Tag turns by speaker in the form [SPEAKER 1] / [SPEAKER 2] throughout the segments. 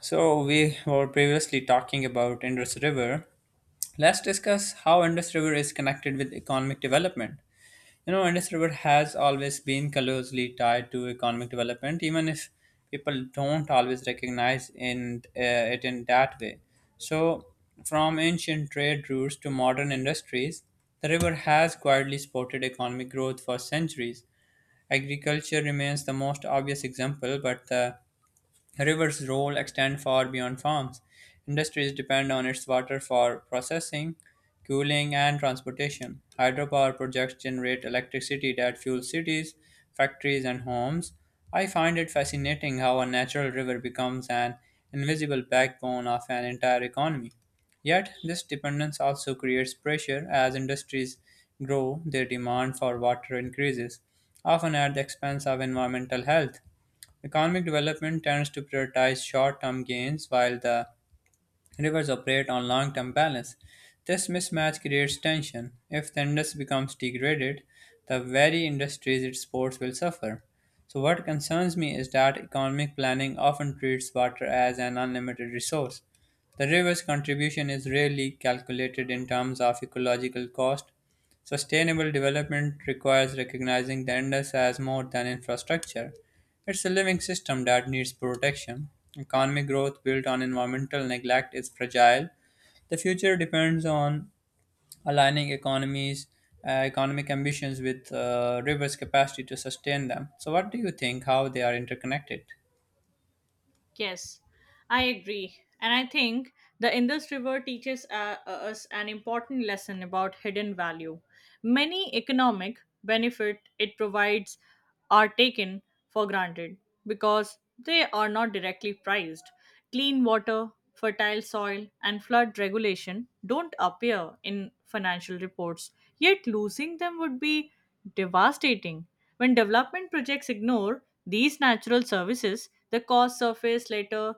[SPEAKER 1] So, we were previously talking about Indus River. Let's discuss how Indus River is connected with economic development. You know, Indus River has always been closely tied to economic development, even if people don't always recognize it in that way. So, from ancient trade routes to modern industries, the river has quietly supported economic growth for centuries. Agriculture remains the most obvious example, but the Rivers' role extends far beyond farms. Industries depend on its water for processing, cooling, and transportation. Hydropower projects generate electricity that fuels cities, factories, and homes. I find it fascinating how a natural river becomes an invisible backbone of an entire economy. Yet, this dependence also creates pressure as industries grow, their demand for water increases, often at the expense of environmental health. Economic development tends to prioritize short term gains while the rivers operate on long term balance. This mismatch creates tension. If the industry becomes degraded, the very industries it supports will suffer. So, what concerns me is that economic planning often treats water as an unlimited resource. The river's contribution is rarely calculated in terms of ecological cost. Sustainable development requires recognizing the Indus as more than infrastructure. It's a living system that needs protection. Economic growth built on environmental neglect is fragile. The future depends on aligning economic ambitions with rivers' capacity to sustain them. So, what do you think? How they are interconnected?
[SPEAKER 2] Yes, I agree. And I think the Indus River teaches us an important lesson about hidden value. Many economic benefit it provides are taken for granted because they are not directly priced. Clean water, fertile soil, and flood regulation don't appear in financial reports, yet losing them would be devastating. When development projects ignore these natural services, the costs surface later,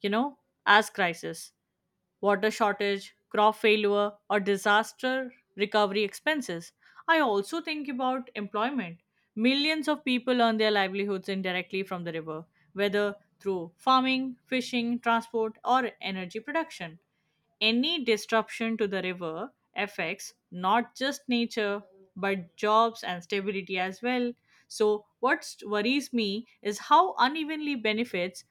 [SPEAKER 2] you know, as crisis water shortage, crop failure, or disaster recovery expenses. I also think about employment. Millions of people earn their livelihoods indirectly from the river, whether through farming, fishing, transport, or energy production. Any disruption to the river affects not just nature but jobs and stability as well. So, what worries me is how unevenly benefits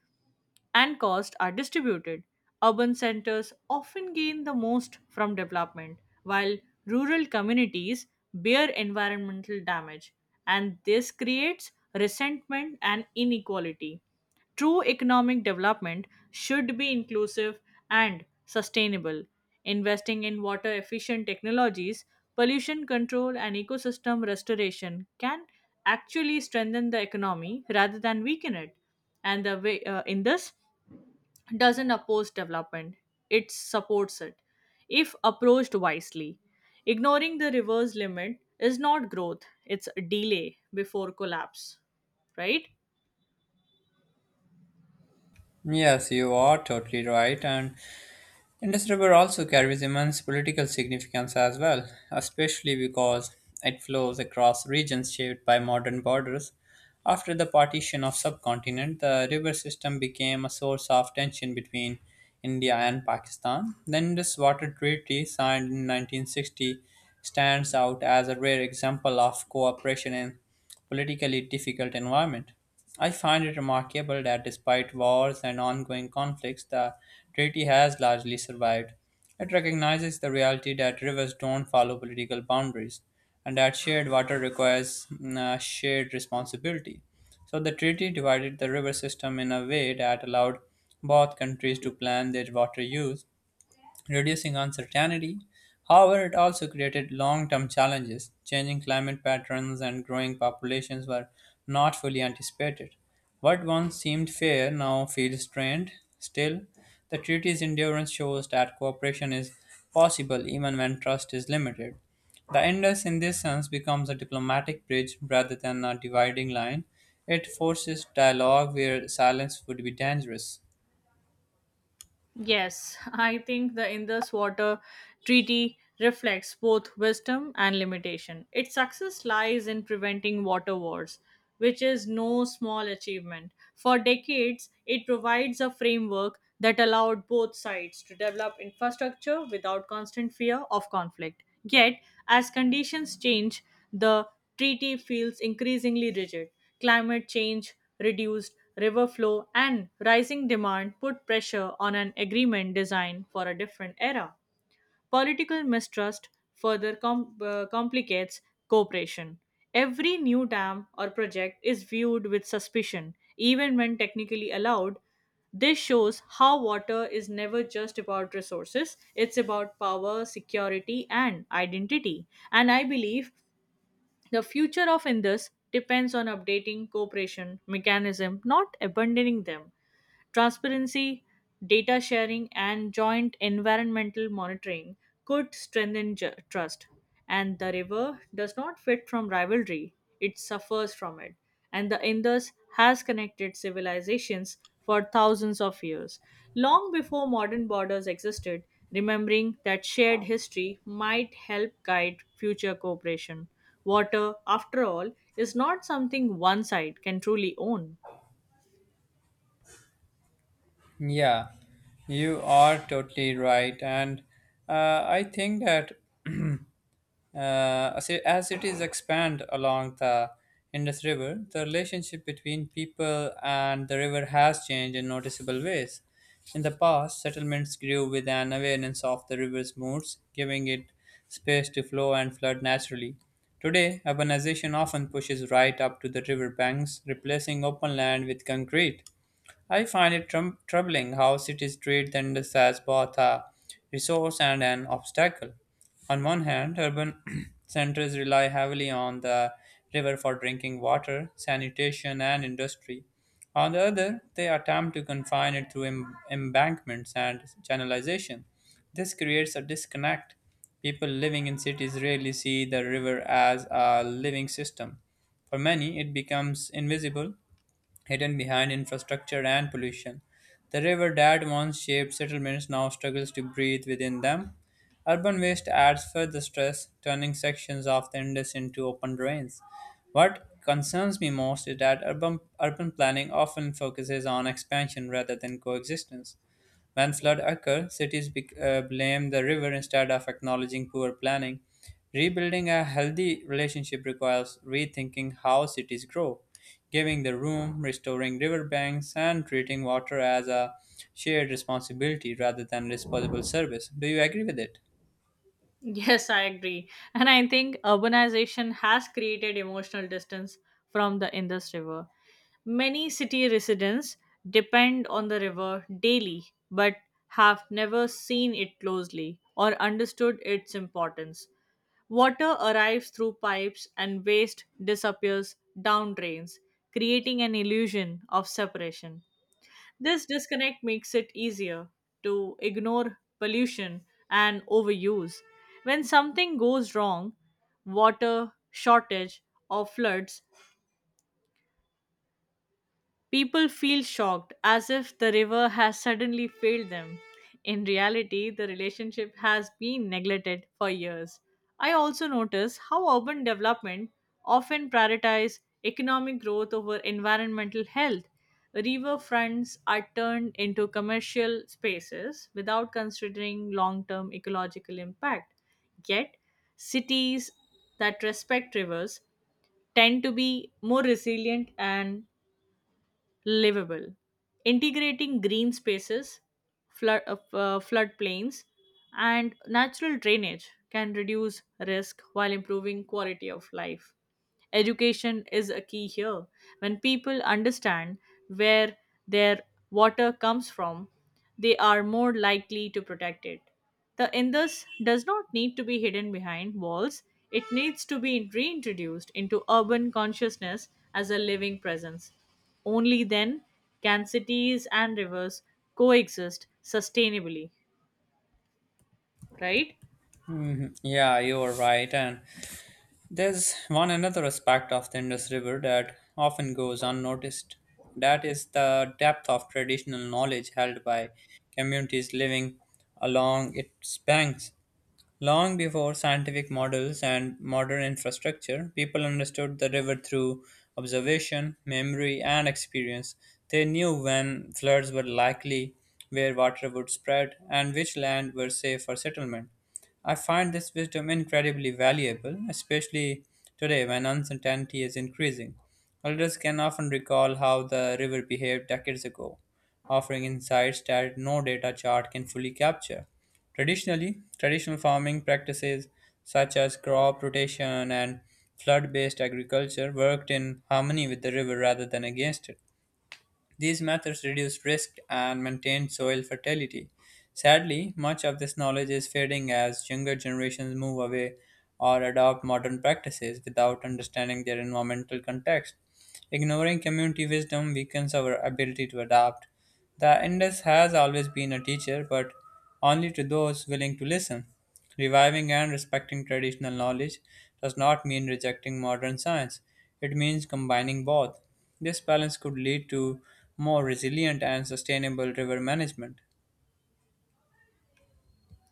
[SPEAKER 2] and costs are distributed. Urban centers often gain the most from development, while rural communities bear environmental damage, and this creates resentment and inequality. True economic development should be inclusive and sustainable, investing in water efficient technologies, pollution control, and ecosystem restoration can actually strengthen the economy rather than weaken it. And the way in this doesn't oppose development, it supports it if approached wisely. Ignoring the reverse limit is not growth, it's delay before collapse, right?
[SPEAKER 1] Yes, you are totally right, and Indus River also carries immense political significance as well, especially because it flows across regions shaped by modern borders. After the partition of subcontinent, the river system became a source of tension between India and Pakistan. The Indus Water Treaty, signed in 1960, stands out as a rare example of cooperation in politically difficult environment. I find it remarkable that despite wars and ongoing conflicts, the treaty has largely survived. It recognizes the reality that rivers don't follow political boundaries and that shared water requires shared responsibility. So the treaty divided the river system in a way that allowed both countries to plan their water use reducing uncertainty. However, it also created long term challenges. Changing climate patterns and growing populations were not fully anticipated. What once seemed fair now feels strained. Still, the treaty's endurance shows that cooperation is possible even when trust is limited. The Indus, in this sense, becomes a diplomatic bridge rather than a dividing line. It forces dialogue where silence would be dangerous.
[SPEAKER 2] Yes, I think the Indus Water Treaty reflects both wisdom and limitation. Its success lies in preventing water wars, which is no small achievement. For decades, it provides a framework that allowed both sides to develop infrastructure without constant fear of conflict. Yet, as conditions change, the treaty feels increasingly rigid. Climate change, reduced river flow, and rising demand put pressure on an agreement designed for a different era. Political mistrust further complicates cooperation. Every new dam or project is viewed with suspicion, even when technically allowed. This shows how water is never just about resources, it's about power, security, and identity. And I believe the future of Indus depends on updating cooperation mechanism, not abandoning them. Transparency, data sharing, and joint environmental monitoring could strengthen trust. And the river does not fit from rivalry, it suffers from it. And the Indus has connected civilizations for thousands of years, long before modern borders existed. Remembering that shared history might help guide future cooperation. Water, after all, is not something one side can truly own.
[SPEAKER 1] Yeah, you are totally right. And I think that uh, as cities expand along the Indus River, the relationship between people and the river has changed in noticeable ways. In the past, settlements grew with an awareness of the river's moods, giving it space to flow and flood naturally. Today, urbanization often pushes right up to the river banks, replacing open land with concrete. I find it troubling how cities treat the Indus as both a resource and an obstacle. On one hand, urban centers rely heavily on the river for drinking water, sanitation, and industry. On the other, they attempt to confine it through embankments and channelization. This creates a disconnect. People living in cities rarely see the river as a living system. For many, it becomes invisible hidden behind infrastructure and pollution. The river that once shaped settlements now struggles to breathe within them. Urban waste adds further stress, turning sections of the Indus into open drains. What concerns me most is that urban planning often focuses on expansion rather than coexistence. When floods occur, cities bec blame the river instead of acknowledging poor planning. Rebuilding a healthy relationship requires rethinking how cities grow, giving the room, restoring riverbanks, and treating water as a shared responsibility rather than disposable service. Do you agree with it?
[SPEAKER 2] Yes, I agree. And I think urbanization has created emotional distance from the Indus River. Many city residents depend on the river daily but have never seen it closely or understood its importance. Water arrives through pipes and waste disappears down drains, creating an illusion of separation. This disconnect makes it easier to ignore pollution and overuse. When something goes wrong, water shortage or floods, people feel shocked, as if the river has suddenly failed them. In reality, the relationship has been neglected for years. I also notice how urban development often prioritizes economic growth over environmental health. River fronts are turned into commercial spaces without considering long-term ecological impact. Yet, cities that respect rivers tend to be more resilient and livable, integrating green spaces, flood, uh, floodplains, and natural drainage can reduce risk while improving quality of life. Education is a key here. When people understand where their water comes from, they are more likely to protect it. The Indus does not need to be hidden behind walls, it needs to be reintroduced into urban consciousness as a living presence. Only then can cities and rivers coexist sustainably, right?
[SPEAKER 1] Mhm. Yeah, you are right. And there's one another aspect of the Indus River that often goes unnoticed. That is the depth of traditional knowledge held by communities living along its banks. Long before scientific models and modern infrastructure, people understood the river through observation, memory, and experience. They knew when floods were likely, where water would spread, and which land were safe for settlement. I find this wisdom incredibly valuable, especially today when uncertainty is increasing. Elders can often recall how the river behaved decades ago, offering insights that no data chart can fully capture. Traditional farming practices such as crop rotation and flood based agriculture worked in harmony with the river rather than against it. These methods reduced risk and maintained soil fertility. Sadly, much of this knowledge is fading as younger generations move away or adopt modern practices without understanding their environmental context. Ignoring community wisdom weakens our ability to adapt. The Indus has always been a teacher, but only to those willing to listen. Reviving and respecting traditional knowledge does not mean rejecting modern science, it means combining both. This balance could lead to more resilient and sustainable river management.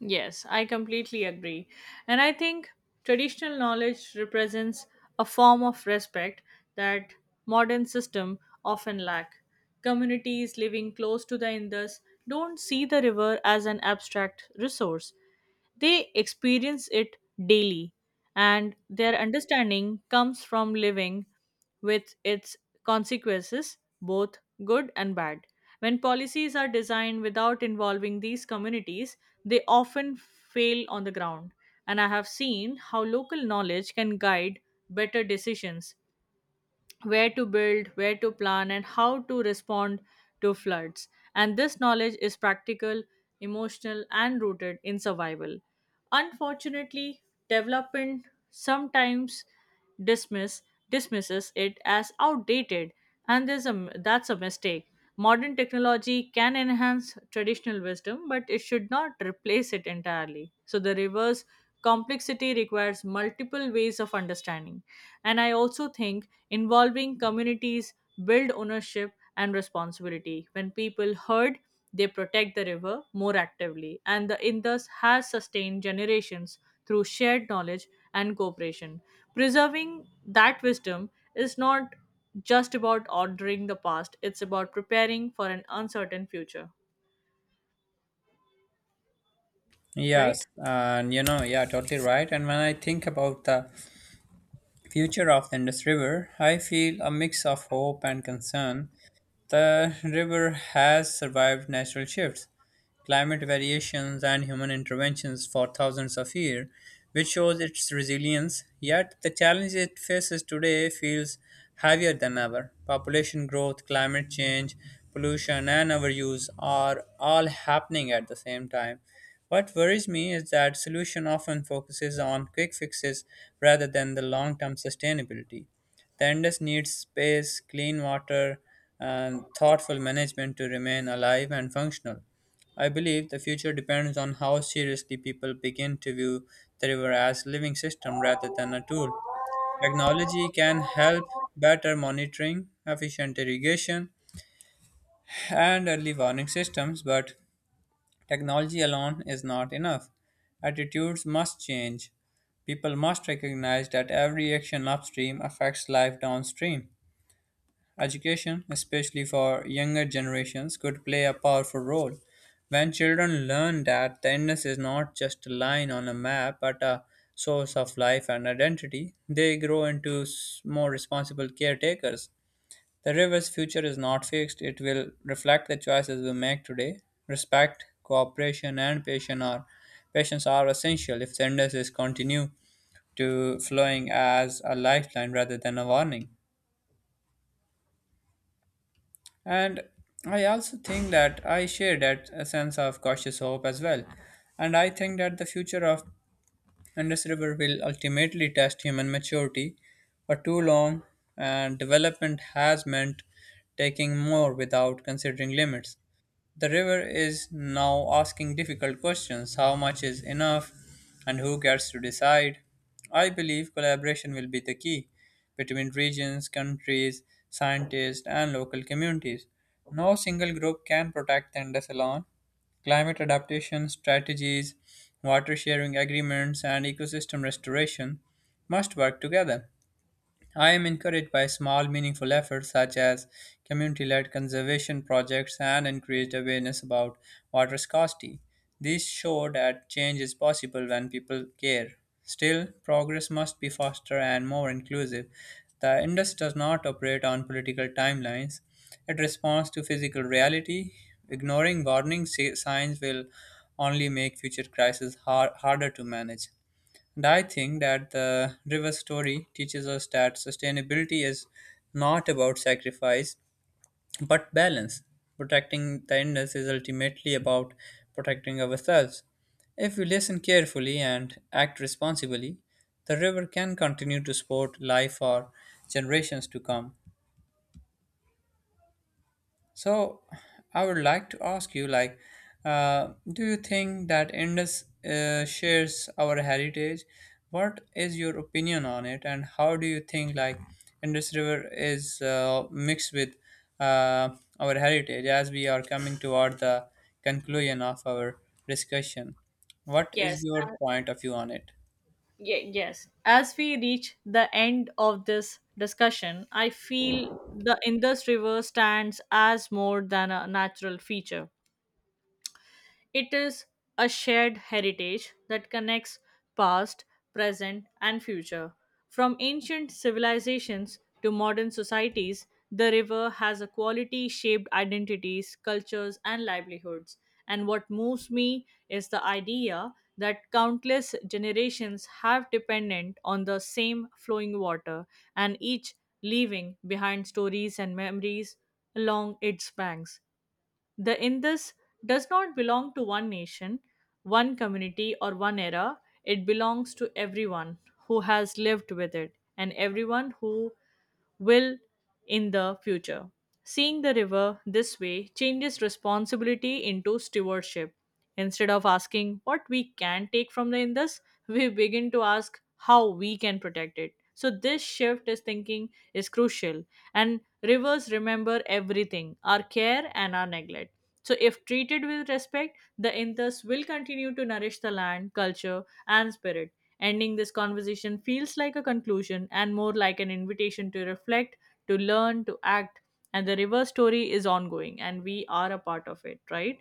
[SPEAKER 2] Yes, I completely agree. And I think traditional knowledge represents a form of respect that modern system often lack. Communities living close to the Indus don't see the river as an abstract resource. They experience it daily, and their understanding comes from living with its consequences, both good and bad. When policies are designed without involving these communities, they often fail on the ground. And I have seen how local knowledge can guide better decisions where to build, where to plan, and how to respond to floods. And this knowledge is practical, emotional, and rooted in survival. Unfortunately, development sometimes dismiss dismisses it as outdated, and there's a that's a mistake. Modern technology can enhance traditional wisdom, but it should not replace it entirely. So the reverse complexity requires multiple ways of understanding, and I also think involving communities build ownership and responsibility. When people herd, they protect the river more actively, and the Indus has sustained generations through shared knowledge and cooperation. Preserving that wisdom is not just about ordering the past, it's about preparing for an uncertain future, right?
[SPEAKER 1] Yes, and you know, yeah, totally right. And when I think about the future of the Indus River, I feel a mix of hope and concern. The river has survived natural shifts climate variations, and human interventions for thousands of years, which shows its resilience. Yet the challenge it faces today feels heavier than ever. Population growth, climate change, pollution, and overuse are all happening at the same time. What worries me is that solution often focuses on quick fixes rather than the long-term sustainability. The Indus needs space, clean water, and thoughtful management to remain alive and functional. I believe the future depends on how seriously people begin to view the river as living system rather than a tool. Technology can help better monitoring, efficient irrigation, and early warning systems, but technology alone is not enough. Attitudes must change. People must recognize that every action upstream affects life downstream. Education, especially for younger generations, could play a powerful role. When children learn that the illness is not just a line on a map but a source of life and identity, they grow into more responsible caretakers. The river's future is not fixed, it will reflect the choices we make today. Respect, cooperation, patience are essential if the illness is continue to flowing as a lifeline rather than a warning. And I also think that I share that a sense of cautious hope as well. And I think that the future of Indus River will ultimately test human maturity for too long, and development has meant taking more without considering limits. The river is now asking difficult questions how much is enough and who gets to decide. I believe collaboration will be the key between regions, countries, scientists, and local communities. No single group can protect the Indus alone. Climate adaptation strategies, water sharing agreements, and ecosystem restoration must work together. I am encouraged by small, meaningful efforts such as community led conservation projects and increased awareness about water scarcity. These show that change is possible when people care. Still, progress must be faster and more inclusive. The index does not operate on political timelines, it responds to physical reality. Ignoring signs will only make future crises harder to manage. And I think that the river story teaches us that sustainability is not about sacrifice but balance. Protecting the Indus is ultimately about protecting ourselves. If we listen carefully and act responsibly, the river can continue to support life for generations to come. So I would like to ask you, do you think that Indus shares our heritage? What is your opinion on it, and how do you think like Indus River is mixed with uh, our heritage as we are coming toward the conclusion of our discussion? What is
[SPEAKER 2] Yes,
[SPEAKER 1] your point of view on it?
[SPEAKER 2] yes, as we reach the end of this discussion, I feel the Indus River stands as more than a natural feature, it is a shared heritage that connects past, present, and future. From ancient civilizations to modern societies, the river has a quality shaped identities, cultures, and livelihoods. And what moves me is the idea that countless generations have dependent on the same flowing water, and each leaving behind stories and memories along its banks. The Indus does not belong to one nation, one community, or one era. It belongs to everyone who has lived with it and everyone who will in the future. Seeing the river this way changes responsibility into stewardship. Instead of asking what we can take from the Indus, we begin to ask how we can protect it. So this shift is thinking is crucial, and rivers remember everything, our care and our neglect. So, if treated with respect, the Inthas will continue to nourish the land, culture, and spirit. Ending this conversation feels like a conclusion and more like an invitation to reflect, to learn, to act. And the river story is ongoing, and we are a part of it, right?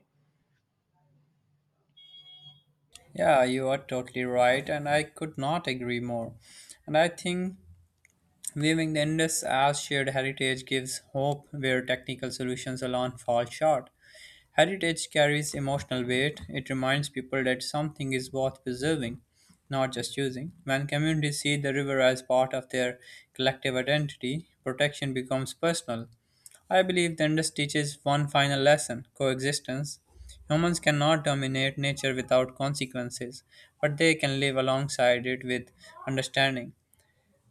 [SPEAKER 1] Yeah, you are totally right, and I could not agree more. And I think viewing the Indus as shared heritage gives hope where technical solutions alone fall short. Heritage carries emotional weight, it reminds people that something is worth preserving, not just using. When communities see the river as part of their collective identity, protection becomes personal. I believe the Indus teaches one final lesson coexistence. Humans cannot dominate nature without consequences, but they can live alongside it with understanding.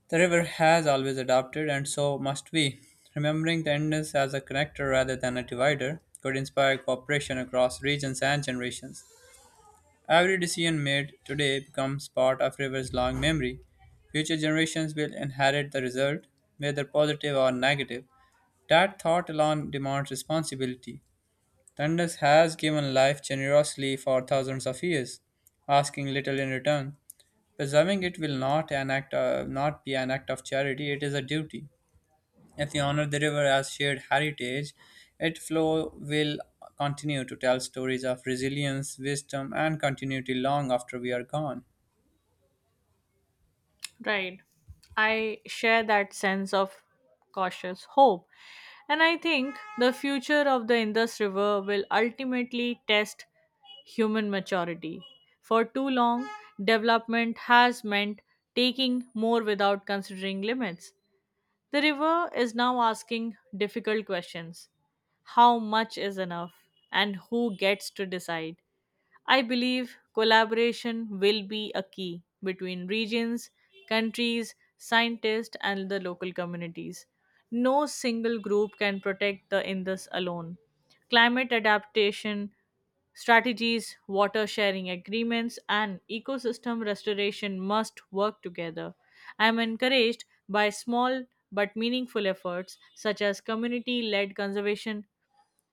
[SPEAKER 1] The river has always adapted, and so must we. Remembering the Indus as a connector rather than a divider could inspire cooperation across regions and generations. Every decision made today becomes part of river's long memory. Future generations will inherit the result, whether positive or negative. That thought alone demands responsibility. The Indus has given life generously for thousands of years, asking little in return. Preserving it will not an act not be an act of charity, it is a duty. If we honor the river as shared heritage, its flow will continue to tell stories of resilience, wisdom, and continuity long after we are gone.
[SPEAKER 2] Right. I share that sense of cautious hope. And I think the future of the Indus River will ultimately test human maturity. For too long, development has meant taking more without considering limits. The river is now asking difficult questions: how much is enough, and who gets to decide. I believe collaboration will be a key between regions, countries, scientists, and the local communities. No single group can protect the Indus alone. Climate adaptation strategies, water sharing agreements, and ecosystem restoration must work together. I am encouraged by small but meaningful efforts such as community led conservation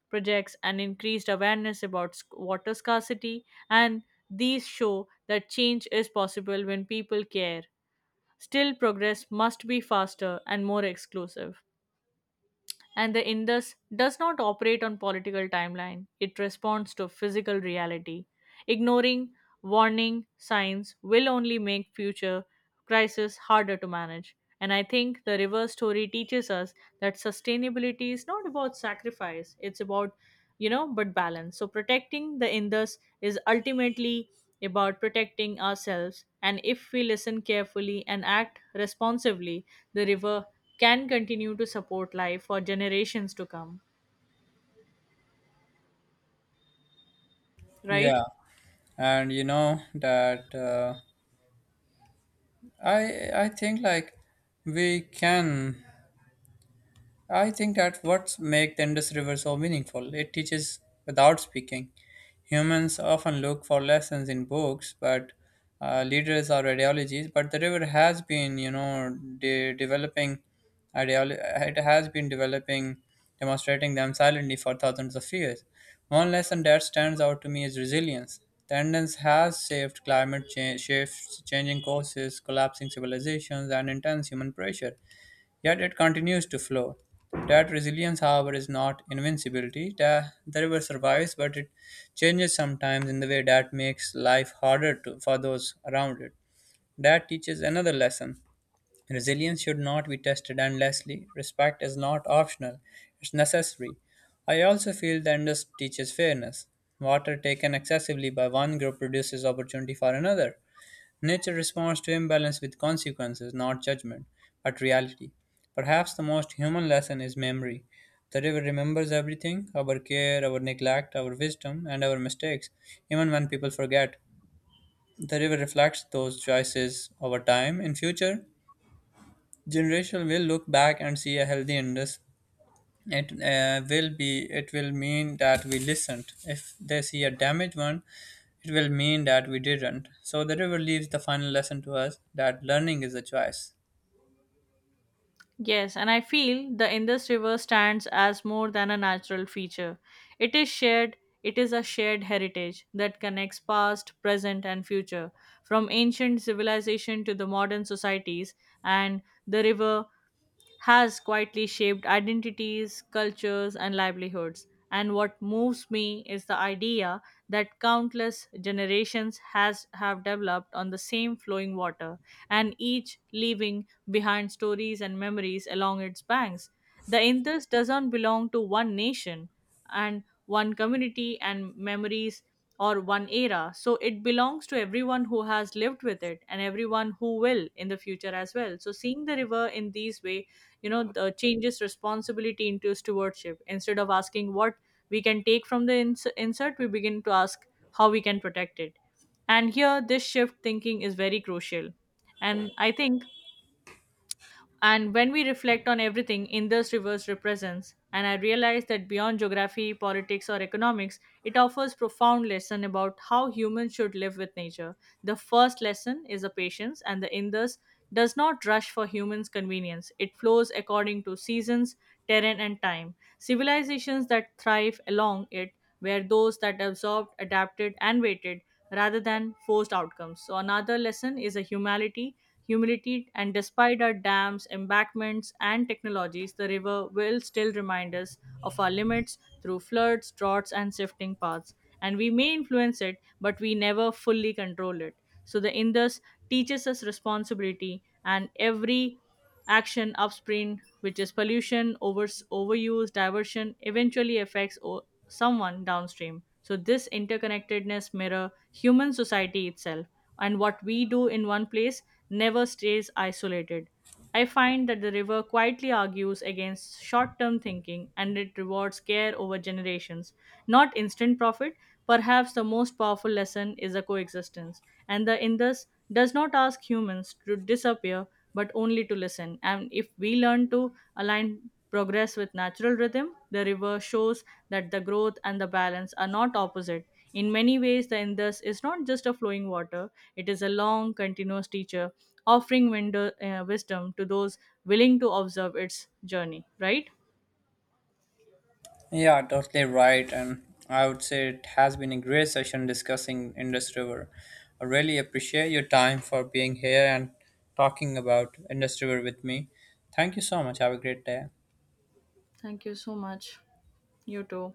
[SPEAKER 2] projects and increased awareness about water scarcity, and these show that change is possible when people care. Still, progress must be faster and more exclusive, and the Indus does not operate on political timeline. It responds to physical reality. Ignoring warning signs will only make future crises harder to manage. And I think the river story teaches us that sustainability is not about sacrifice, it's about, you know, but balance. So protecting the Indus is ultimately about protecting ourselves. And if we listen carefully and act responsively, the river can continue to support life for generations to come, right?
[SPEAKER 1] Yeah, and you know that I think like we can I think that what makes the Indus River so meaningful. It teaches without speaking. Humans often look for lessons in books, but leaders or ideologies. But the river has been, you know, developing ideolo- it has been developing, demonstrating them silently for thousands of years. One lesson that stands out to me is resilience. The Indus has saved climate change, shifts, changing courses, collapsing civilizations, and intense human pressure. Yet it continues to flow. That resilience, however, is not invincibility. The river survives, but it changes sometimes in the way that makes life for those around it. That teaches another lesson. Resilience should not be tested endlessly. Respect is not optional, it's necessary. I also feel the Indus teaches fairness. Water taken excessively by one group produces opportunity for another. Nature responds to imbalance with consequences, not judgment, but reality. Perhaps the most human lesson is memory. The river remembers everything our care, our neglect, our wisdom, and our mistakes, even when people forget. The river reflects those choices over time. In future, generations will look back and see a healthy Indus it will be it will mean that we listened. If they see a damaged one, it will mean that we didn't. So the river leaves the final lesson to us, that learning is a choice.
[SPEAKER 2] Yes, and I feel the Indus River stands as more than a natural feature. It is shared, it is a shared heritage that connects past, present, and future, from ancient civilization to the modern societies, and the river has quietly shaped identities, cultures, and livelihoods. And what moves me is the idea that countless generations has have developed on the same flowing water, and each leaving behind stories and memories along its banks. The Indus doesn't belong to one nation and one community and memories or one era. So it belongs to everyone who has lived with it and everyone who will in the future as well. So seeing the river in these way, you know, the changes responsibility into stewardship, instead of asking what we can take from the insert, we begin to ask how we can protect it, and here this shift thinking is very crucial, and I think, and when we reflect on everything Indus Rivers represents, and I realize that beyond geography, politics, or economics, it offers profound lesson about how humans should live with nature. The first lesson is a patience, and the Indus does not rush for humans' convenience. It flows according to seasons, terrain, and time. Civilizations that thrive along it were those that absorbed, adapted, and waited rather than forced outcomes. So another lesson is a humility humidity, and despite our dams, embankments, and technologies, the river will still remind us of our limits through floods, droughts, and shifting paths. And we may influence it, but we never fully control it. So the Indus teaches us responsibility, and every action upstream, which is pollution, overuse, diversion, eventually affects someone downstream. So this interconnectedness mirror human society itself, and what we do in one place never stays isolated. I find that the river quietly argues against short term thinking and it rewards care over generations, not instant profit. Perhaps the most powerful lesson is a coexistence, and the Indus does not ask humans to disappear but only to listen. And if we learn to align progress with natural rhythm, the river shows that the growth and the balance are not opposite. In many ways, the Indus is not just a flowing water, it is a long, continuous teacher offering wisdom to those willing to observe its journey, right?
[SPEAKER 1] Yeah, totally right, and I would say it has been a great session discussing Indus River. I really appreciate your time for being here and talking about Indus River with me. Thank you so much. Have a great day.
[SPEAKER 2] Thank you so much. You too.